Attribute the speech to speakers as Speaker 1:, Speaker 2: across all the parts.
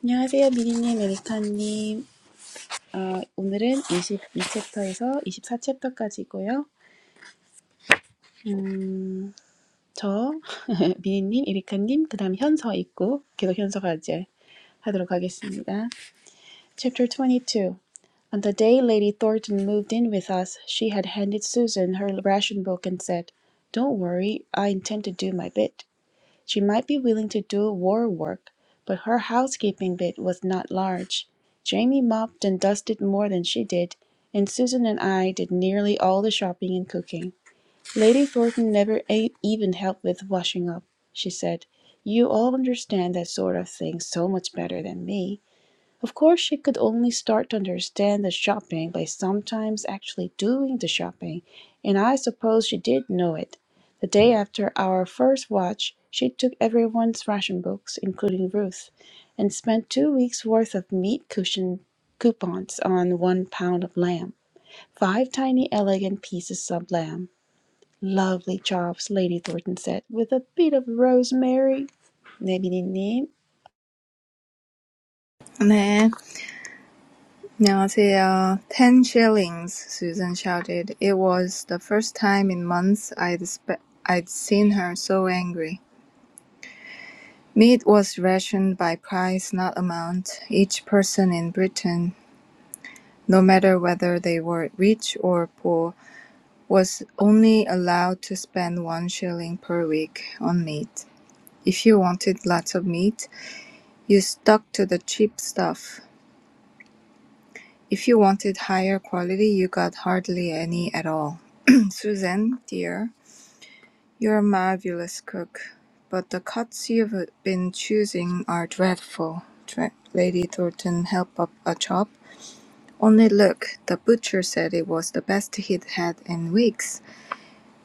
Speaker 1: 안녕하세요, 미리님, 에리카님. 어, 오늘은 22챕터에서 24챕터까지고요. 음, 저, 미리님, 에리카님, 그 다음 현서 있고, 계속 현서가 이제 하도록 하겠습니다. Chapter 22. On the day Lady Thornton moved in with us, she had handed Susan her ration book and said, Don't worry, I intend to do my bit. She might be willing to do war work, but her housekeeping bit was not large. Jamie mopped and dusted more than she did, and Susan and I did nearly all the shopping and cooking. Lady Thornton never a- even helped with washing up, she said. You all understand that sort of thing so much better than me. Of course, she could only start to understand the shopping by sometimes actually doing the shopping, and I suppose she did know it. The day after our first watch, she took everyone's ration books, including Ruth, and spent two weeks' worth of meat cushion coupons on one pound of lamb. Five tiny, elegant pieces of lamb. Lovely chops, Lady Thornton said, with a bit of rosemary. 네, 미니님.
Speaker 2: 네, 안녕하세요. Ten shillings, Susan shouted. It was the first time in months I'd, spe- I'd seen her so angry. Meat was rationed by price, not amount. Each person in Britain, no matter whether they were rich or poor, was only allowed to spend one shilling per week on meat. If you wanted lots of meat, you stuck to the cheap stuff. If you wanted higher quality, you got hardly any at all. Susan, dear, you're a marvelous cook, but the cuts you've been choosing are dreadful. Dre- Lady Thornton held up a chop. Only look, the butcher said it was the best he'd had in weeks.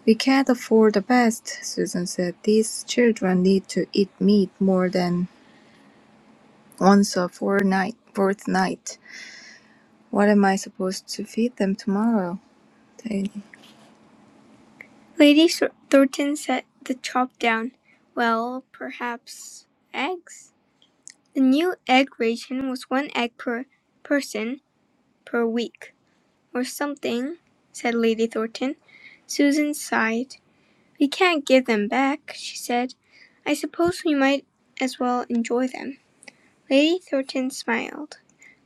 Speaker 2: We can't afford the best, Susan said. These children need to eat meat more than once a fortnight. fortnight. What am I supposed to feed them tomorrow? They Lady Thornton set the chop down. Well, perhaps eggs? The new egg ration was one egg per person per week, or something, said Lady Thornton. Susan sighed. We can't give them back, she said. I suppose we might as well enjoy them. Lady Thornton smiled.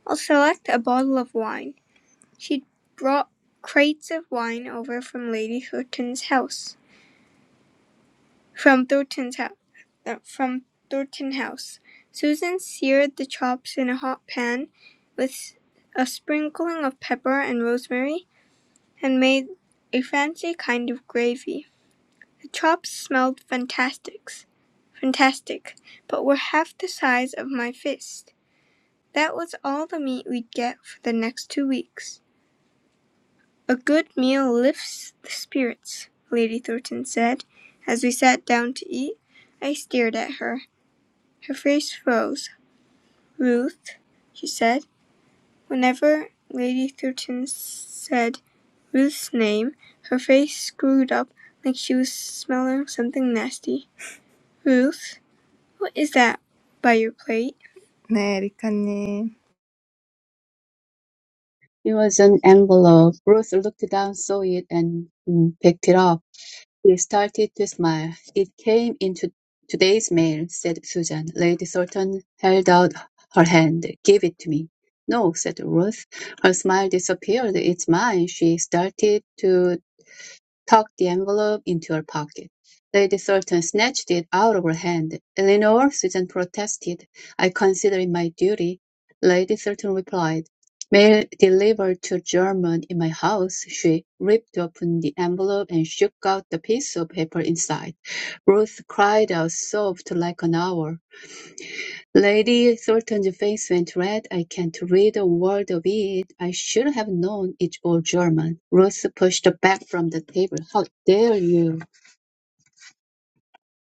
Speaker 2: I'll select a bottle of wine. She'd brought crates of wine over from Lady Thornton's house. From Thornton's house, from Thornton House, Susan seared the chops in a hot pan with a sprinkling of pepper and rosemary, and made a fancy kind of gravy. The chops smelled fantastic, fantastic, but were half the size of my fist. That was all the meat we'd get for the next two weeks. A good meal lifts the spirits, Lady Thornton said, as we sat down to eat. I stared at her. Her face froze. "Ruth?" she said. Whenever Lady Thurston said Ruth's name, her face screwed up like she was smelling something nasty. "Ruth? What is that by your plate?" 네, 리카님.
Speaker 3: It was an envelope. Ruth looked down, saw it, and mm, picked it up. She started to smile. It came in to today's mail, said Susan. Lady Thornton held out her hand. Give it to me. No, said Ruth. Her smile disappeared. It's mine. She started to tucked the envelope into her pocket. Lady Thornton snatched it out of her hand. Eleanor Susan protested. I consider it my duty. Lady Thornton replied. Mail delivered to German in my house. She ripped open the envelope and shook out the piece of paper inside. Ruth cried out, sobbed like an owl. Lady Thornton's face went red. "I can't read a word of it. I should have known it's all German." Ruth pushed back from the table. "How dare you!"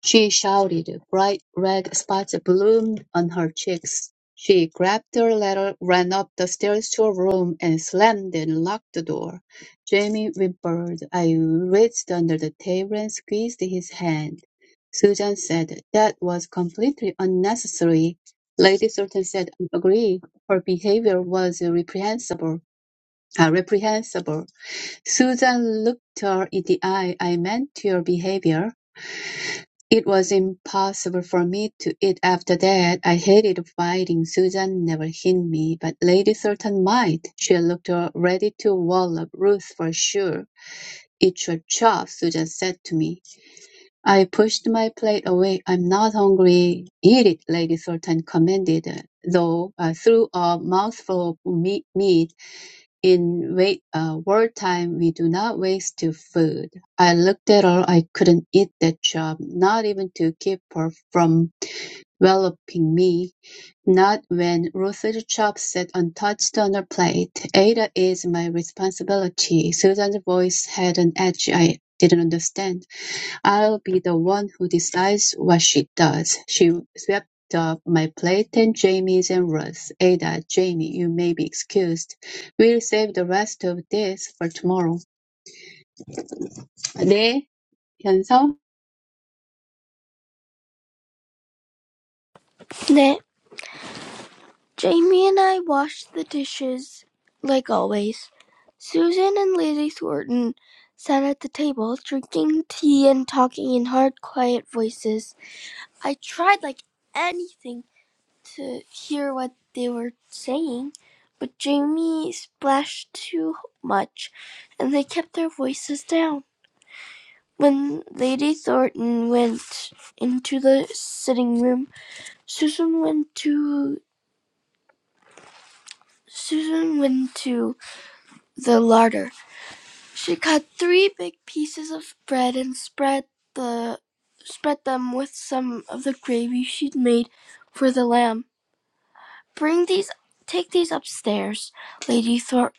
Speaker 3: she shouted. Bright red spots bloomed on her cheeks. She grabbed her letter, ran up the stairs to her room, and slammed and locked the door. Jamie whimpered. I reached under the table and squeezed his hand. Susan said, That was completely unnecessary. Lady Thornton said, I agree. Her behavior was reprehensible. Uh, reprehensible. Susan looked her in the eye. I meant your behavior. It was impossible for me to eat after that. I hated fighting. Susan never hit me, but Lady Sultan might. She looked ready to wallop Ruth for sure. Eat your chop, Susan said to me. I pushed my plate away. I'm not hungry. Eat it, Lady Sultan commanded, though I threw a mouthful of meat in wait uh, wartime, we do not waste to food. I looked at all I couldn't eat that job, not even to keep her from developing me. Not when roasted chop sat untouched on her plate. Ada is my responsibility. Susan's voice had an edge I didn't understand. I'll be the one who decides what she does. She swept up my plate and Jamie's and Ruth's. Ada, Jamie, you may be excused. We'll save the rest of this for tomorrow. 네, 현서.
Speaker 1: 네, Jamie and I washed the dishes, like always. Susan and Lady Thornton sat at the table, drinking tea and talking in hard, quiet voices. I tried like anything to hear what they were saying, but Jamie splashed too much, and they kept their voices down. When Lady Thornton went into the sitting room, Susan went to Susan went to the larder. She cut three big pieces of bread and spread the spread them with some of the gravy she'd made for the lamb. Bring these take these upstairs, Lady Thornton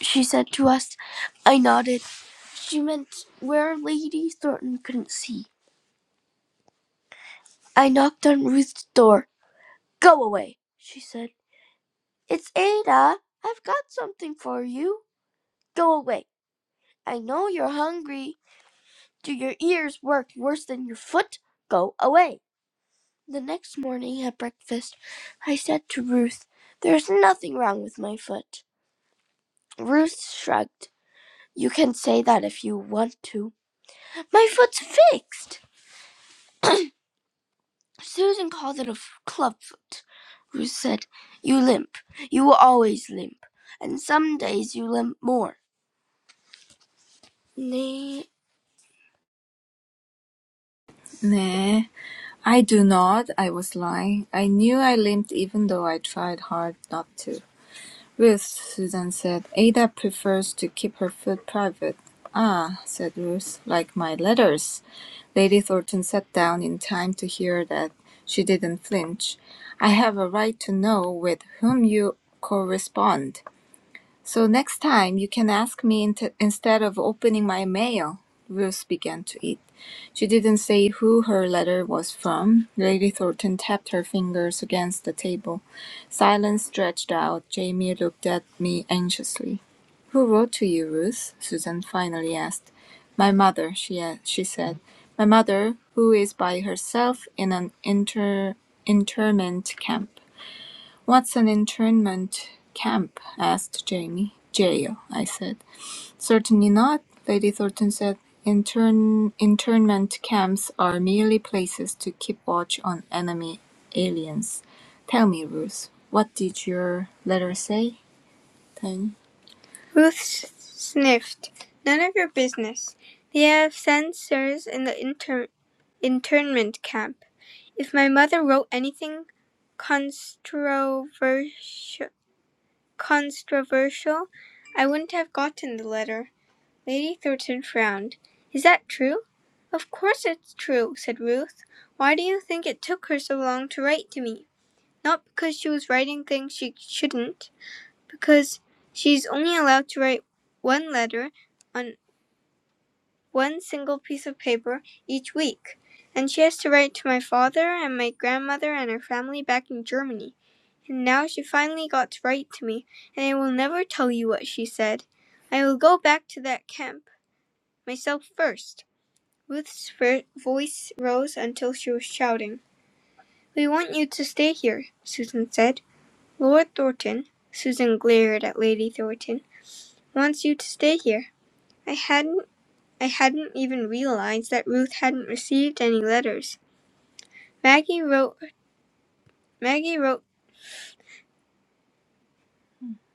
Speaker 1: she said to us. I nodded. She meant where Lady Thornton couldn't see. I knocked on Ruth's door. Go away, she said. It's Ada. I've got something for you. Go away. I know you're hungry. Do your ears work worse than your foot? Go away. The next morning at breakfast, I said to Ruth, There's nothing wrong with my foot. Ruth shrugged. You can say that if you want to. My foot's fixed. Susan called it a club foot. Ruth said, You limp. You will always limp. And some days you limp more. Nay,
Speaker 2: Nay, I do not. I was lying. I knew I limped even though I tried hard not to. Ruth, Susan said. Ada prefers to keep her food private. Ah, said Ruth, like my letters. Lady Thornton sat down in time to hear that. She didn't flinch. I have a right to know with whom you correspond. So next time you can ask me int- instead of opening my mail. Ruth began to eat. She didn't say who her letter was from. Lady Thornton tapped her fingers against the table. Silence stretched out. Jamie looked at me anxiously. Who wrote to you, Ruth? Susan finally asked. My mother, she, a- she said. My mother, who is by herself in an inter- internment camp. "What's an internment camp?" asked Jamie. "Jail," I said. "Certainly not," Lady Thornton said. "Intern internment camps are merely places to keep watch on enemy aliens. Tell me, Ruth, what did your letter say, Tony? Ruth s- sniffed. None of your business. They have censors in the inter- internment camp. If my mother wrote anything controversial, controversial. I wouldn't have gotten the letter. Lady Thornton frowned. Is that true? Of course it's true, said Ruth. Why do you think it took her so long to write to me? Not because she was writing things she shouldn't, because she's only allowed to write one letter on one single piece of paper each week, and she has to write to my father and my grandmother and her family back in Germany. And now she finally got to write to me, and I will never tell you what she said. I will go back to that camp myself first. Ruth's voice rose until she was shouting. We want you to stay here, Susan said. Lord Thornton, Susan glared at Lady Thornton, wants you to stay here. I hadn't I hadn't even realized that Ruth hadn't received any letters. Maggie wrote Maggie wrote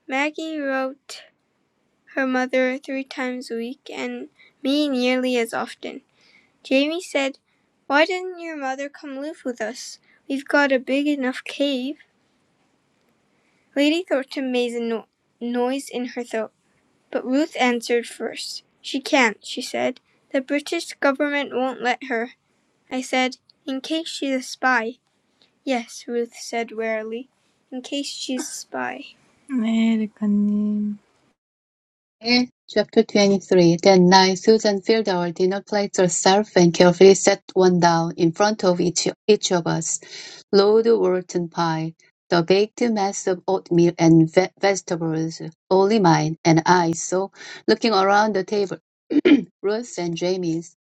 Speaker 2: Maggie wrote her mother three times a week, and me nearly as often. Jamie said, Why didn't your mother come live with us? We've got a big enough cave. Lady Thornton made a no- noise in her throat, but Ruth answered first. She can't, she said. The British government won't let her. I said, In case she's a spy. Yes, Ruth said wearily. In case she's a spy. 네, 레카님.
Speaker 3: Eh, Chapter 23 That night Susan filled our dinner plates herself and carefully set one down in front of each, each of us. Lord Wharton pie, the baked mass of oatmeal and ve- vegetables, only mine, and I so, looking around the table, Ruth and Jamie's,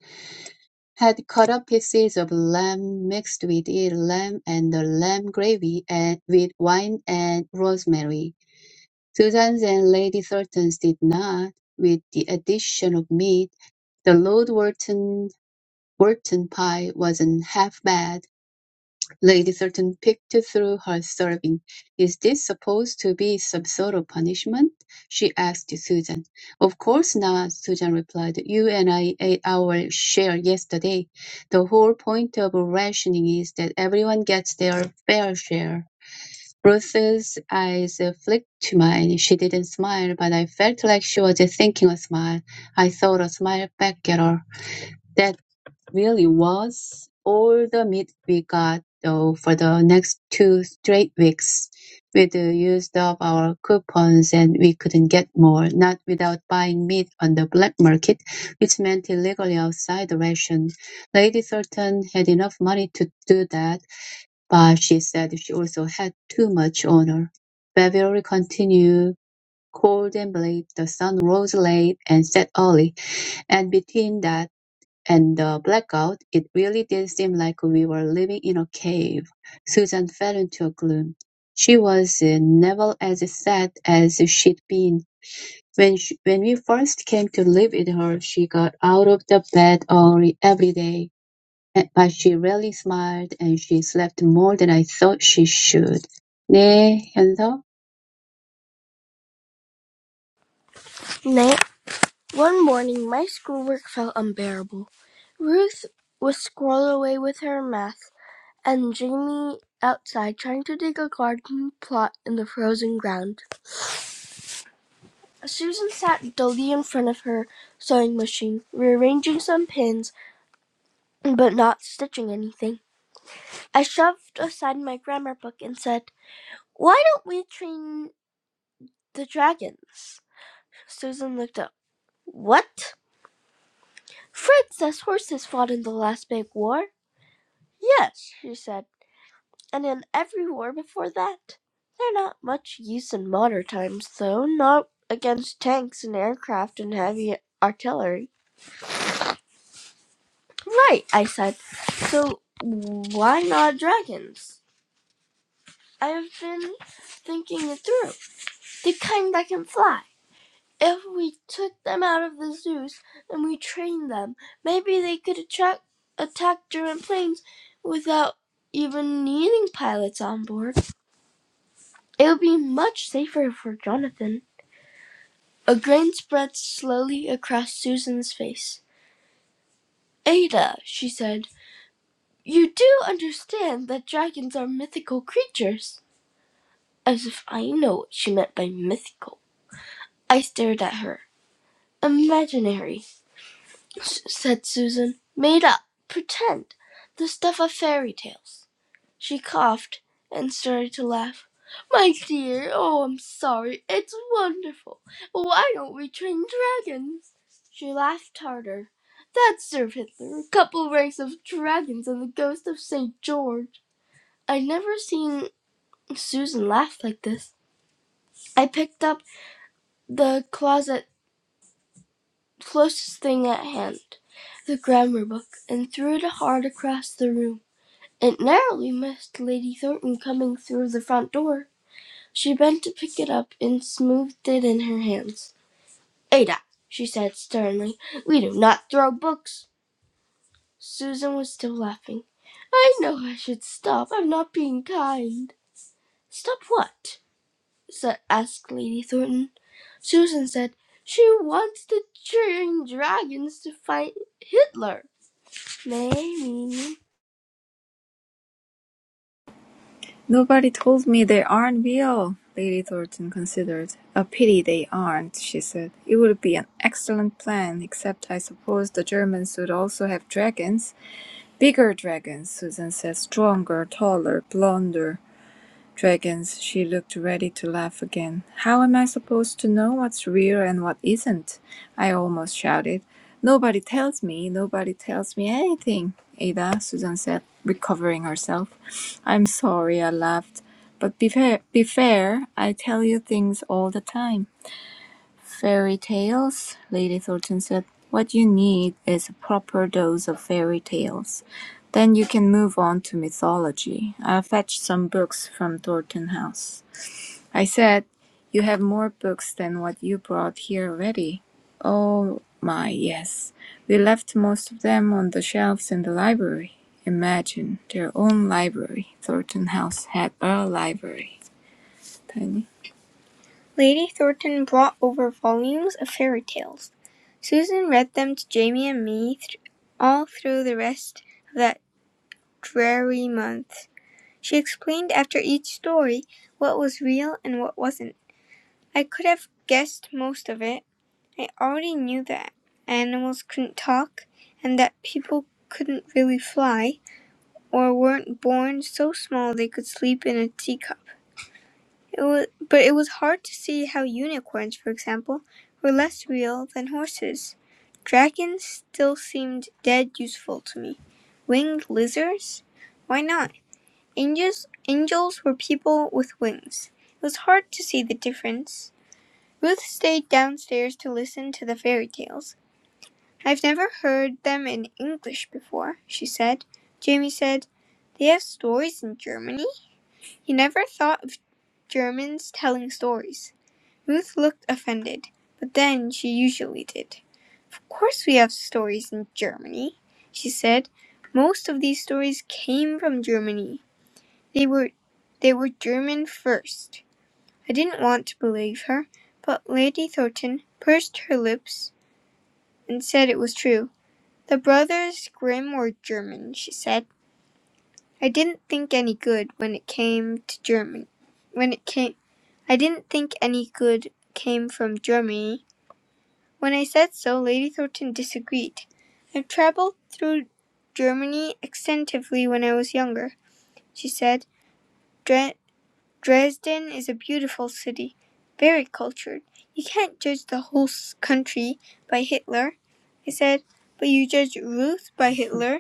Speaker 3: had cut up pieces of lamb mixed with it, lamb and the lamb gravy and with wine and rosemary. Susan's and Lady Thornton's did not, with the addition of meat. The Lord Wharton Wharton pie wasn't half bad. Lady Thornton picked through her serving. Is this supposed to be some sort of punishment? she asked Susan. Of course not, Susan replied. You and I ate our share yesterday. The whole point of rationing is that everyone gets their fair share. Ruth's eyes flicked to mine. She didn't smile, but I felt like she was thinking a smile. I thought a smile back at her. That really was all the meat we got, though, for the next two straight weeks. We'd used up our coupons and we couldn't get more, not without buying meat on the black market, which meant illegally outside the ration. Lady Thornton had enough money to do that, but she said she also had too much on her. Beverly continued cold and bleak. The sun rose late and set early, and between that and the blackout, it really did seem like we were living in a cave. Susan fell into a gloom. She was uh, never as sad as she'd been. When, she, when we first came to live with her, she got out of the bed early every day Eh, But she rarely smiled, and she slept more than I thought she should. 네, 연서.
Speaker 1: nay. One morning, my schoolwork felt unbearable. Ruth was scrolled away with her math and Jamie outside trying to dig a garden plot in the frozen ground. Susan sat dully in front of her sewing machine, rearranging some pins but not stitching anything. I shoved aside my grammar book and said, Why don't we train the dragons? Susan looked up. What? Fred says horses fought in the last big war. Yes, she said. and in every war before that. They're not much use in modern times, though, not against tanks and aircraft and heavy artillery. Right, I said. So why not dragons? I have been thinking it through. The kind that can fly. If we took them out of the zoos and we trained them, maybe they could attract, attack German planes without even needing pilots on board. It would be much safer for Jonathan. A grin spread slowly across Susan's face. "Ada," she said, "you do understand that dragons are mythical creatures?" As if I know what she meant by mythical. I stared at her. "Imaginary," said Susan. "Made up. Pretend. The stuff of fairy tales. She coughed and started to laugh. My dear, oh, I'm sorry. It's wonderful. Why don't we train dragons? She laughed harder. That served Hitler. A couple ranks of dragons and the ghost of St. George. I'd never seen Susan laugh like this. I picked up the closet closest thing at hand, the grammar book, and threw it hard across the room. It narrowly missed Lady Thornton coming through the front door. She bent to pick it up and smoothed it in her hands. "Ada," she said sternly, "we do not throw books." Susan was still laughing. "I know I should stop. I'm not being kind." "Stop what?" sa- asked Lady Thornton. Susan said, "She wants to train dragons to fight Hitler." "Nay, Mimi,
Speaker 2: "Nobody told me they aren't real," Lady Thornton considered. "A pity they aren't," she said. "It would be an excellent plan, except I suppose the Germans would also have dragons." "Bigger dragons," Susan said. "Stronger, taller, blonder dragons. She looked ready to laugh again. How am I supposed to know what's real and what isn't? I almost shouted. Nobody tells me, nobody tells me anything, Ada, Susan said, recovering herself. I'm sorry, I laughed. But be fair, be fair, I tell you things all the time. Fairy tales? Lady Thornton said. What you need is a proper dose of fairy tales. Then you can move on to mythology. I'll fetch some books from Thornton House. I said, You have more books than what you brought here already. Oh my, yes. We left most of them on the shelves in the library. Imagine their own library. Thornton House had a library. Tiny. Lady Thornton brought over volumes of fairy tales. Susan read them to Jamie and me th- all through the rest of that dreary month. She explained after each story what was real and what wasn't. I could have guessed most of it. I already knew that animals couldn't talk and that people couldn't really fly or weren't born so small they could sleep in a teacup. It was, but it was hard to see how unicorns, for example, were less real than horses. Dragons still seemed dead useful to me. Winged lizards? Why not? Angels, angels were people with wings. It was hard to see the difference. Ruth stayed downstairs to listen to the fairy tales. I've never heard them in English before, she said. Jamie said, They have stories in Germany? He never thought of Germans telling stories. Ruth looked offended, but then she usually did. Of course we have stories in Germany, she said. Most of these stories came from Germany. They were they were German first. I didn't want to believe her, but Lady Thornton pursed her lips and said it was true. The brothers Grimm were German, she said. I didn't think any good when it came to German. When it came I didn't think any good came from Germany When I said so, Lady Thornton disagreed. I've traveled through Germany extensively when I was younger, she said. Dre- Dresden is a beautiful city, very cultured. You can't judge the whole country by Hitler. I said, but you judge Ruth by Hitler?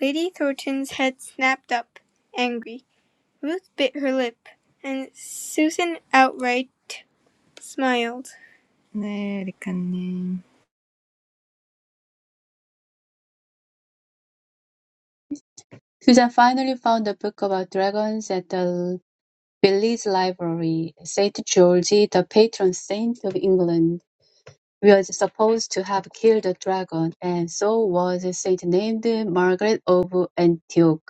Speaker 2: Lady Thornton's head snapped up, angry. Ruth bit her lip, and Susan outright smiled. 네, 리카님.
Speaker 3: Susan finally found a book about dragons at the Village Library. Saint George, the patron saint of England, was supposed to have killed a dragon, and so was a saint named Margaret of Antioch.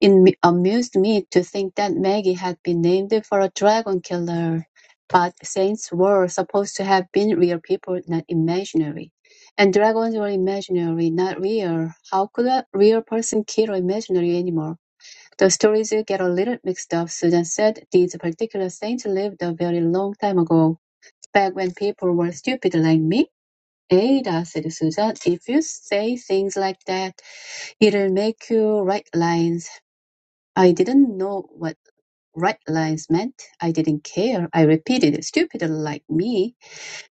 Speaker 3: It amused me to think that Maggie had been named for a dragon killer, but saints were supposed to have been real people, not imaginary. And dragons were imaginary, not real. How could a real person kill an imaginary animal? The stories get a little mixed up. Susan said these particular saints lived a very long time ago, back when people were stupid like me. Ada, said Susan, if you say things like that, it'll make you write lines. I didn't know what right lines meant. I didn't care. I repeated, stupid like me.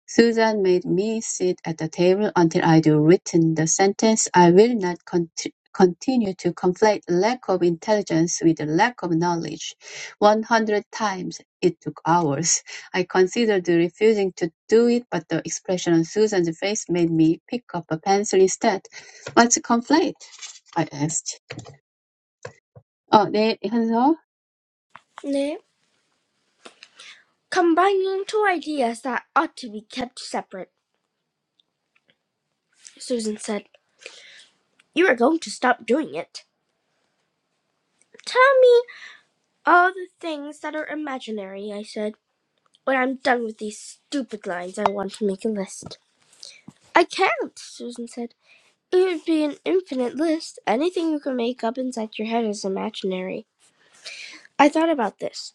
Speaker 3: Susan made me sit at the table until I'd written the sentence. I will not cont- continue to conflate lack of intelligence with lack of knowledge. 100 times. It took hours. I considered refusing to do it, but the expression on Susan's face made me pick up a pencil instead. What's conflate? I asked. 어, 네, 현서.
Speaker 1: nay. Combining two ideas that ought to be kept separate," Susan said. "You are going to stop doing it." "Tell me." All the things that are imaginary, I said. When I'm done with these stupid lines, I want to make a list. I can't, Susan said. It would be an infinite list. Anything you can make up inside your head is imaginary. I thought about this.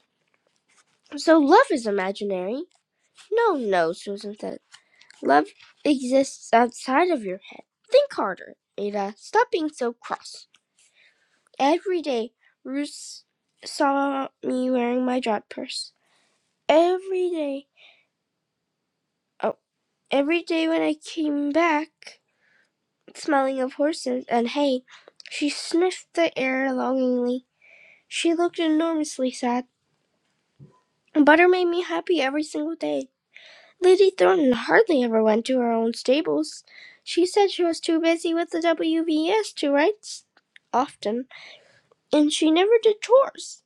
Speaker 1: So love is imaginary? No, no, Susan said. Love exists outside of your head. Think harder, Ada. Stop being so cross. Every day, Ruth saw me wearing my jot purse. Every day. oh. Every day when I came back, smelling of horses and hay, she sniffed the air longingly. She looked enormously sad. Butter made me happy every single day. Lady Thornton hardly ever went to her own stables. She said she was too busy with the WVS to write often, and she never did chores.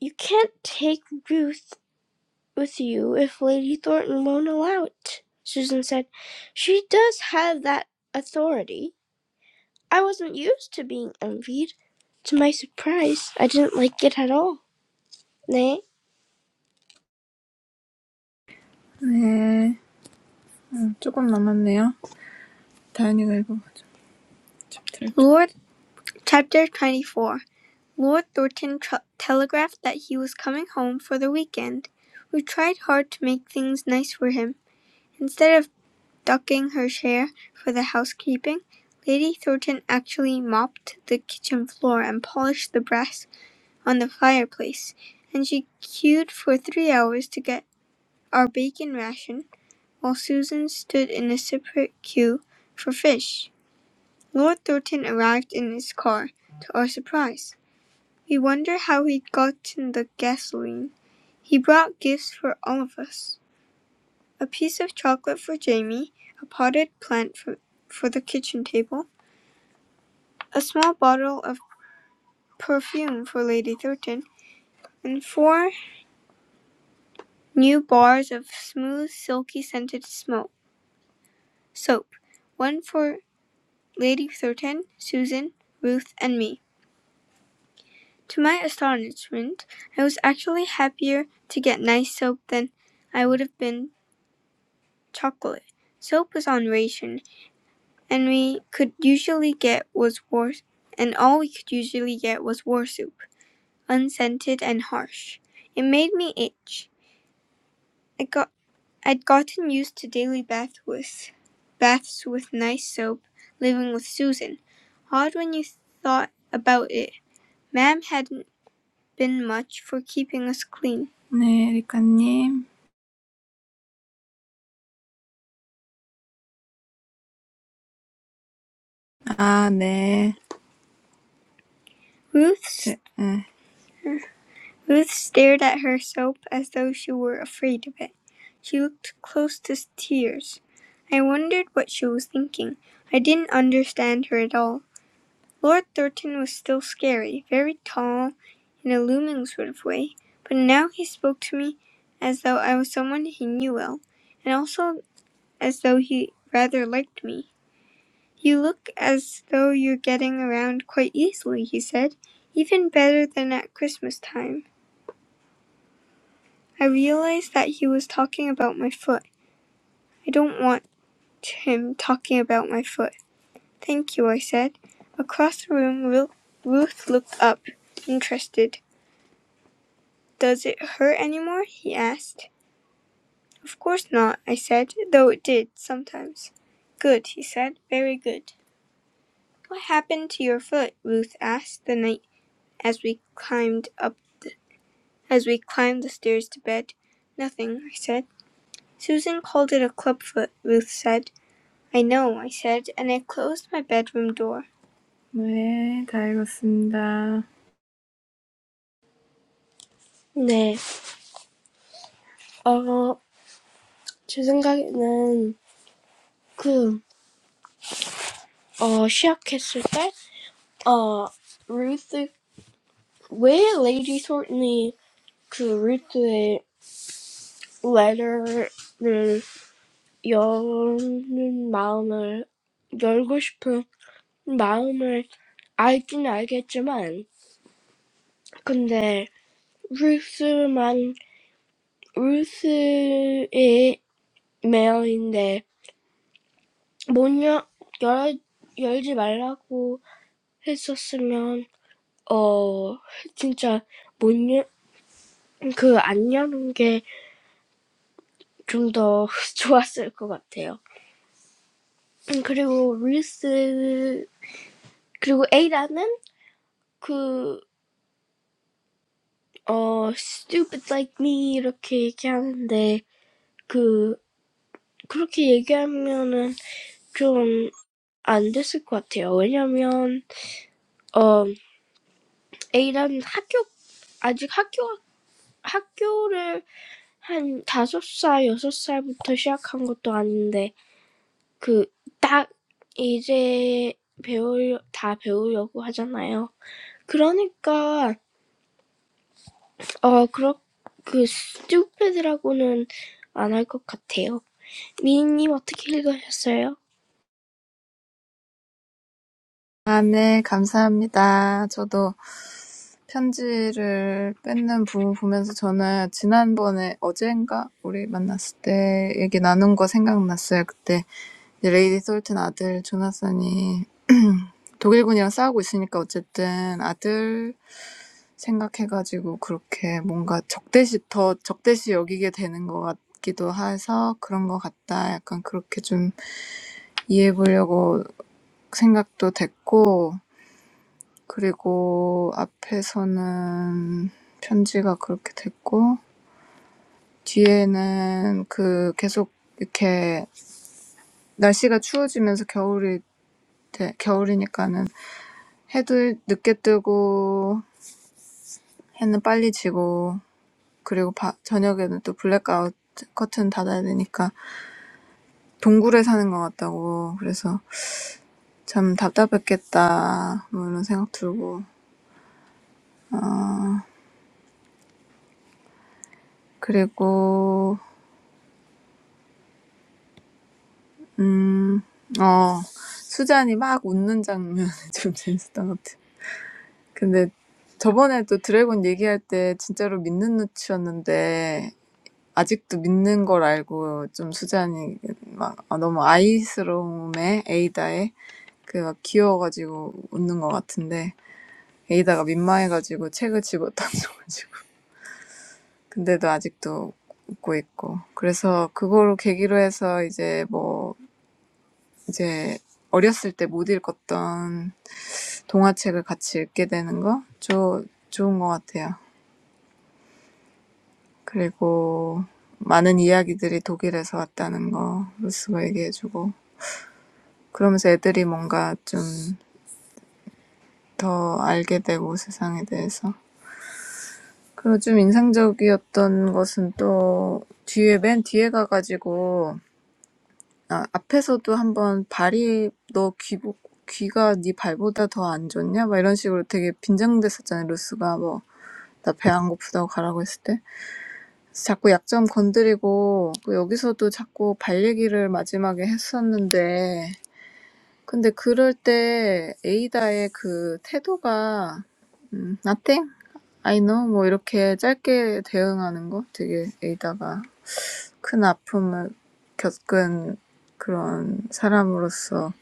Speaker 1: You can't take Ruth with you if Lady Thornton won't allow it, Susan said. She does have that authority. I wasn't used to being envied. To my surprise, I didn't like it at all. Nay,
Speaker 2: 네. 조금 남았네요. 다현이가 읽어보죠. Lord, chapter 24. Lord Thornton tr- telegraphed that he was coming home for the weekend. We tried hard to make things nice for him. Instead of ducking her share for the housekeeping, Lady Thornton actually mopped the kitchen floor and polished the brass on the fireplace, and she queued for three hours to get our bacon ration, while Susan stood in a separate queue for fish. Lord Thornton arrived in his car, to our surprise. We wondered how he'd gotten the gasoline. He brought gifts for all of us. A piece of chocolate for Jamie, a potted plant for, for the kitchen table, a small bottle of perfume for Lady Thornton, and four new bars of smooth, silky scented smoke soap, one for Lady Thornton, Susan, Ruth, and me. To my astonishment, I was actually happier to get nice soap than I would have been chocolate. Soap was on ration, and we could usually get was war, and all we could usually get was war soup, unscented and harsh. It made me itch. I got, I'd gotten used to daily baths with, baths with nice soap, living with Susan. Odd when you thought about it. Ma'am hadn't been much for keeping us clean. 네, 리카님. 아, 네. Ruth, s- Ruth stared at her soap as though she were afraid of it. She looked close to tears. I wondered what she was thinking. I didn't understand her at all. Lord Thornton was still scary, very tall, in a looming sort of way, but now he spoke to me as though I was someone he knew well, and also as though he rather liked me. "You look as though you're getting around quite easily," he said, "even better than at Christmas time." I realised that he was talking about my foot. I don't want him talking about my foot. "Thank you," I said. Across the room Ruth looked up, interested. "Does it hurt any more?" he asked. "Of course not," I said, "though it did, sometimes." "Good," he said, "very good." "What happened to your foot?" Ruth asked, the night as we climbed up the As we climbed the stairs to bed, Nothing, I said. Susan called it a clubfoot, Ruth said. I know, I said, and I closed my bedroom door. 네, 다 읽었습니다.
Speaker 1: nay. Ah, 지금까지는 그 어, 시작했을 때, ah, Ruth 왜 Lady Shortney 그 Ruth의 letter를 열 마음을 열고 싶은 마음을 알긴 알겠지만, 근데 Ruth만 Ruth의 매형인데 못 열, 열, 열지 말라고 했었으면 어 진짜 못 열, 그안 여는 게 좀 더 좋았을 것 같아요. 그리고 리스 그리고 에이라는 그어 stupid like me 이렇게 얘기하는데 그 그렇게 얘기하면은 좀 안 됐을 것 같아요. 왜냐면 어 에이라는 학교 아직 학교 학교를 한 다섯 살, 여섯 살부터 시작한 것도 아닌데, 그, 딱, 이제 배울, 다 배우려고 하잖아요. 그러니까, 어, 그렇, 그, 스튜피드라고는 안 할 것 같아요. 미니님 어떻게 읽으셨어요?
Speaker 2: 아, 네, 감사합니다. 저도 편지를 뺏는 부분 보면서 저는 지난번에 어젠가 우리 만났을 때 얘기 나눈 거 생각났어요. 그때 Lady Solten's son, Jonas, is fighting the German army. So, anyway, thinking about his son, it becomes like an enemy to him. So, I thought about that. And then, there was the letter from the front. And then, there was the weather getting colder and colder, and it was winter. 해도 늦게 뜨고 해는 빨리 지고 그리고 바, 저녁에는 또 블랙아웃 커튼 닫아야 되니까 동굴에 사는 것 같다고 그래서 참 답답했겠다 뭐 이런 생각 들고 그리고 음, 어, 수잔이 막 웃는 장면 좀 재밌었던 것 같아. 근데 저번에 또 드래곤 얘기할 때 진짜로 믿는 눈치였는데 아직도 믿는 걸 알고 좀 수잔이 막 아, 너무 아이스러움에 에이다에 그막 귀여워가지고 웃는 것 같은데 에이다가 민망해가지고 책을 집어 던져가지고 근데도 아직도 웃고 있고 그래서 그거로 계기로 해서 이제 뭐 이제 어렸을 때 못 읽었던 동화책을 같이 읽게 되는 거 좋, 좋은 것 같아요. 그리고 많은 이야기들이 독일에서 왔다는 거 루스가 얘기해주고 그러면서 애들이 뭔가 좀 더 알게 되고 세상에 대해서. 그리고 좀 인상적이었던 것은 또 뒤에 맨 뒤에 가가지고 아, 앞에서도 한번 발이 너 귀, 귀가 네 발보다 더안 좋냐? 막 이런 식으로 되게 빈정댔었잖아요. 루스가 뭐 나 배 안 고프다고 가라고 했을 때. 그래서 자꾸 약점 건드리고 여기서도 자꾸 발 얘기를 마지막에 했었는데 근데 그럴 때 에이다의 그 태도가 음, nothing? I know 뭐 이렇게 짧게 대응하는 거 되게 에이다가 큰 아픔을 겪은 그런 사람으로서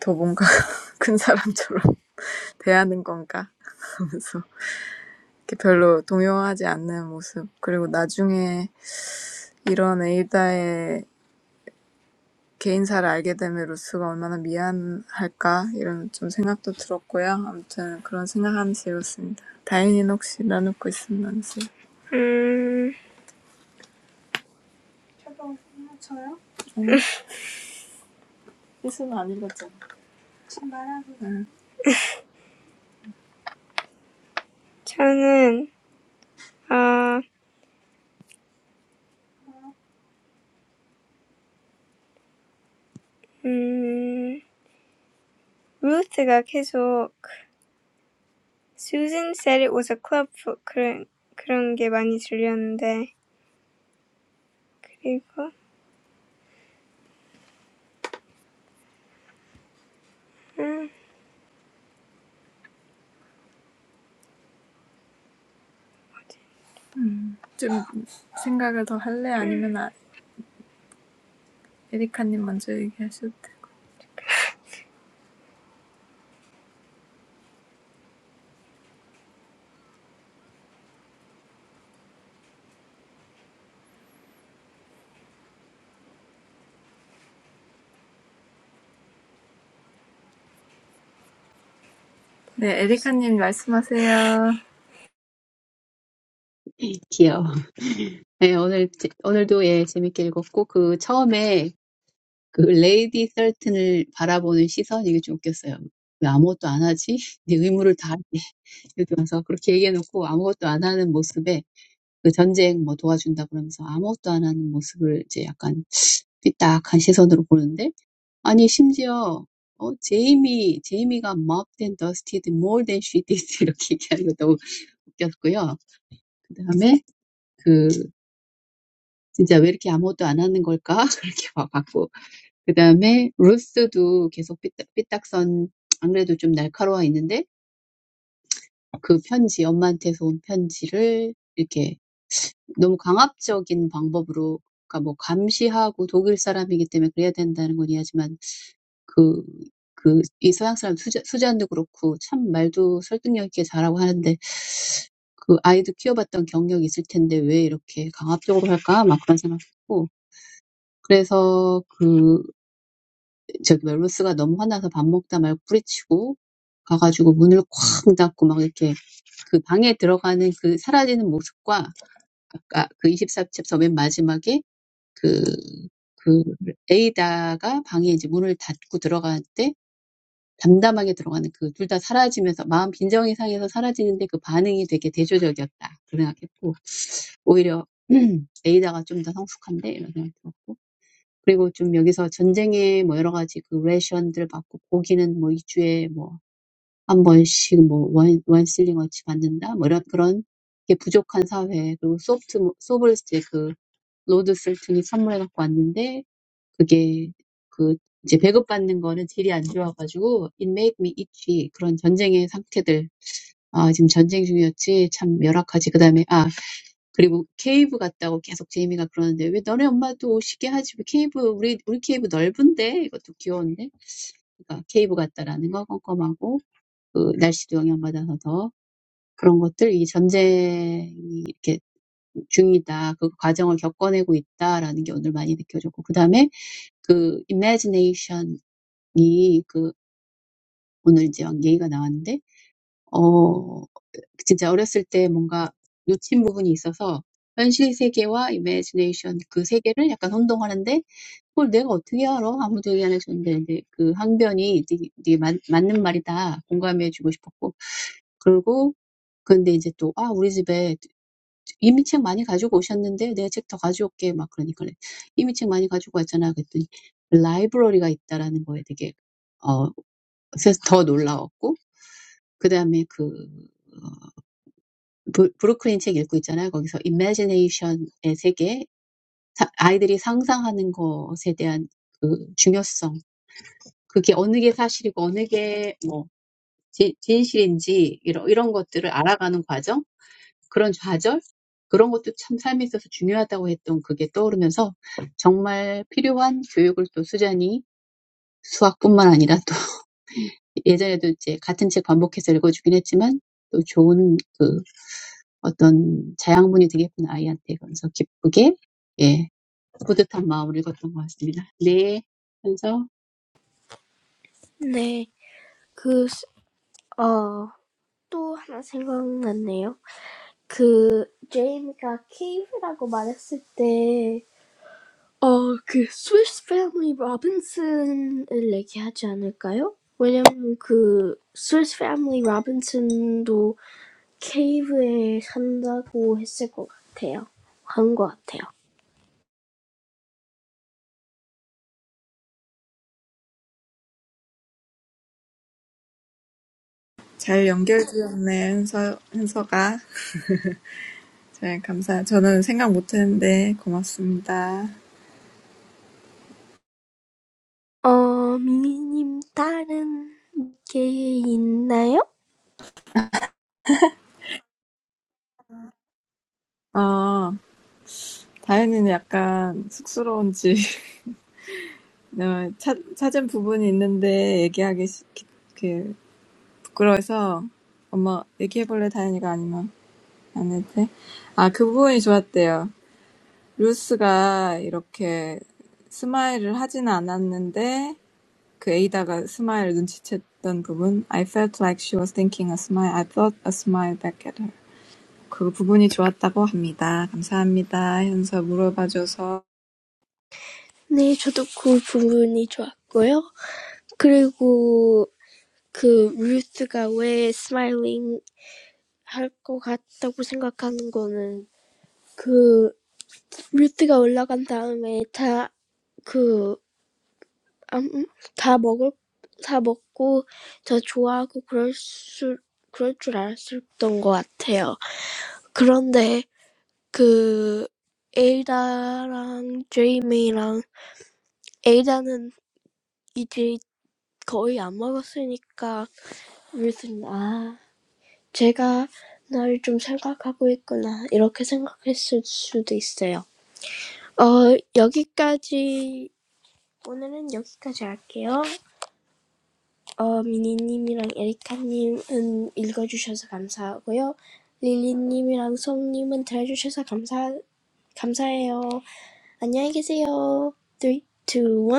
Speaker 2: 더 뭔가 큰 사람처럼 대하는 건가 하면서 이렇게 별로 동요하지 않는 모습 그리고 나중에 이런 에이다의 개인사를 알게 됨에 루스가 얼마나 미안할까 이런 좀 생각도 들었고요. 아무튼 그런 생각하면서 읽었습니다. 다인이는 혹시 나누고 있으면 나누세요. 음, 저요? 응. 있으면 안 읽었잖아. 저는, 아, 음, 루트가 계속 Susan said it was a club foot 그런, 그런 게 많이 들렸는데 그리고 좀 생각을 더 할래? 아니면 아, 에리카님 먼저 얘기하셔도 네, 에리카님 말씀하세요.
Speaker 3: 이키요. 네, 오늘, 제- 오늘도 예, 재밌게 읽었고, 그, 처음에, 그, 레이디 셀튼을 바라보는 시선, 이게 좀 웃겼어요. 왜 아무것도 안 하지? 네 의무를 다하지. 이렇게 와서 그렇게 얘기해놓고 아무것도 안 하는 모습에, 그 전쟁 뭐 도와준다 그러면서 아무것도 안 하는 모습을 이제 약간 삐딱한 시선으로 보는데, 아니, 심지어, 어, 제이미, 제이미가 mopped and dusted more than she did. 이렇게 얘기하는 거 너무 웃겼고요. 그 다음에, 그, 진짜 왜 이렇게 아무것도 안 하는 걸까? 그렇게 봤고. 그 다음에 루스도 계속 삐딱, 삐딱선, 안 그래도 좀 날카로워 있는데 그 편지, 엄마한테서 온 편지를 이렇게 너무 강압적인 방법으로, 그러니까 뭐 감시하고 독일 사람이기 때문에 그래야 된다는 건 이해하지만 그, 그, 이 서양 사람 수자, 수잔도 그렇고 참 말도 설득력 있게 잘하고 하는데 그 아이도 키워봤던 경력이 있을 텐데 왜 이렇게 강압적으로 할까? 막 그런 생각했고. 그래서 그 저기 멜로스가 너무 화나서 밥 먹다 말고 뿌리치고 가가지고 문을 쾅 닫고 막 이렇게 그 방에 들어가는 그 사라지는 모습과 아까 그 24챕터 맨 마지막에 그, 그 에이다가 방에 이제 문을 닫고 들어갈 때 담담하게 들어가는 그 둘 다 사라지면서 마음 빈정이 상해서 사라지는데 그 반응이 되게 대조적이었다. 그런 생각했고 오히려 에이다가 좀 더 성숙한데 이런 생각이 들었고 그리고 좀 여기서 전쟁에 뭐 여러 가지 그 레이션들 받고 고기는 뭐 이 주에 뭐한 번씩 뭐 원, 원슬링 어치 받는다 뭐 이런 그런 게 부족한 사회 그리고 소프트 뭐- 소블 이제 그 로드 셀튼이 선물해 갖고 왔는데 그게 그 이제 배급받는 거는 질이 안 좋아가지고 it made me itchy 그런 전쟁의 상태들 아 지금 전쟁 중이었지 참 열악하지 그 다음에 아 그리고 케이브 같다고 계속 제이미가 그러는데 왜 너네 엄마도 오시게 하지? 왜 케이브 우리 우리 케이브 넓은데 이것도 귀여운데 그러니까 케이브 같다라는 거 껌껌하고 그 날씨도 영향받아서 더 그런 것들 이 전쟁이 이렇게 중이다 그 과정을 겪어내고 있다라는 게 오늘 많이 느껴졌고 그 다음에 그 imagination이 그 오늘 이제 얘기가 나왔는데 어 진짜 어렸을 때 뭔가 놓친 부분이 있어서 현실 세계와 이매지네이션 그 세계를 약간 혼동하는데 그걸 내가 어떻게 알아? 아무도 얘기 안 해줬는데 근데 그 항변이 되게, 되게 맞, 맞는 말이다. 공감해주고 싶었고 그리고 근데 이제 또, 아, 우리 집에 이미 책 많이 가지고 오셨는데 내 책 더 가져올게. 막 그러니까 그래. 이미 책 많이 가지고 왔잖아. 그랬더니 라이브러리가 있다라는 거에 되게, 어, 그래서 더 놀라웠고, 그 다음에 그 브, 브로클린 책 읽고 있잖아요. 거기서 imagination의 세계, 사, 아이들이 상상하는 것에 대한 그 중요성, 그게 어느 게 사실이고 어느 게뭐 진, 진실인지 이런 이런 것들을 알아가는 과정, 그런 좌절, 그런 것도 참 삶에 있어서 중요하다고 했던 그게 떠오르면서 정말 필요한 교육을 또 수잔이 수학뿐만 아니라 예전에도 이제 같은 책 반복해서 읽어주긴 했지만 또 좋은 그 어떤 자양분이 되겠구나 아이한테 그래서 기쁘게 예 뿌듯한 마음으로 읽었던 것 같습니다. 네, 그래서
Speaker 1: 네. 그, 어, 또 하나 생각났네요. 그, 제이미가 케이브라고 말했을 때, 그 스위스 패밀리 로빈슨을 얘기하지 않을까요? 왜냐면 그 스위스 패밀리 로빈슨도 케이브에 산다고 했을 것 같아요. 한 것 같아요.
Speaker 2: 잘 연결되었네, 현서, 현서가. 잘 감사. 저는 생각 못했는데 고맙습니다.
Speaker 1: 어 미니님 다른 게 있나요?
Speaker 2: 어, 다현이는 약간 쑥스러운지 어, 찾, 찾은 부분이 있는데 얘기하기 시, 그, 부끄러워서 엄마 얘기해볼래 다현이가 아니면 안 해도 돼? 아, 그 부분이 좋았대요. 루스가 이렇게 스마일을 하진 않았는데 그 에이다가 스마일 눈치챘던 부분 I felt like she was thinking a smile. I thought a smile back at her. 그 부분이 좋았다고 합니다. 감사합니다. 현서 물어봐줘서.
Speaker 1: 네, 저도 그 부분이 좋았고요. 그리고 그 루스가 왜 스마일링 할 것 같다고 생각하는 거는 그. 뮤트가 올라간 다음에 다, 그, 다 먹을, 다 먹고, 더 좋아하고 그럴 수, 그럴 줄 알았었던 것 같아요. 그런데, 그, 에이다랑 제이미랑, 에이다는 이제 거의 안 먹었으니까, 뮤트는, 아, 제가 날 좀 생각하고 있구나, 이렇게 생각했을 수도 있어요. 어, 여기까지, 오늘은 여기까지 할게요. 어, 미니님이랑 에리카님은 읽어주셔서 감사하고요. 릴리님이랑 송님은 들어주셔서 감사, 감사해요. 안녕히 계세요. three, two, one.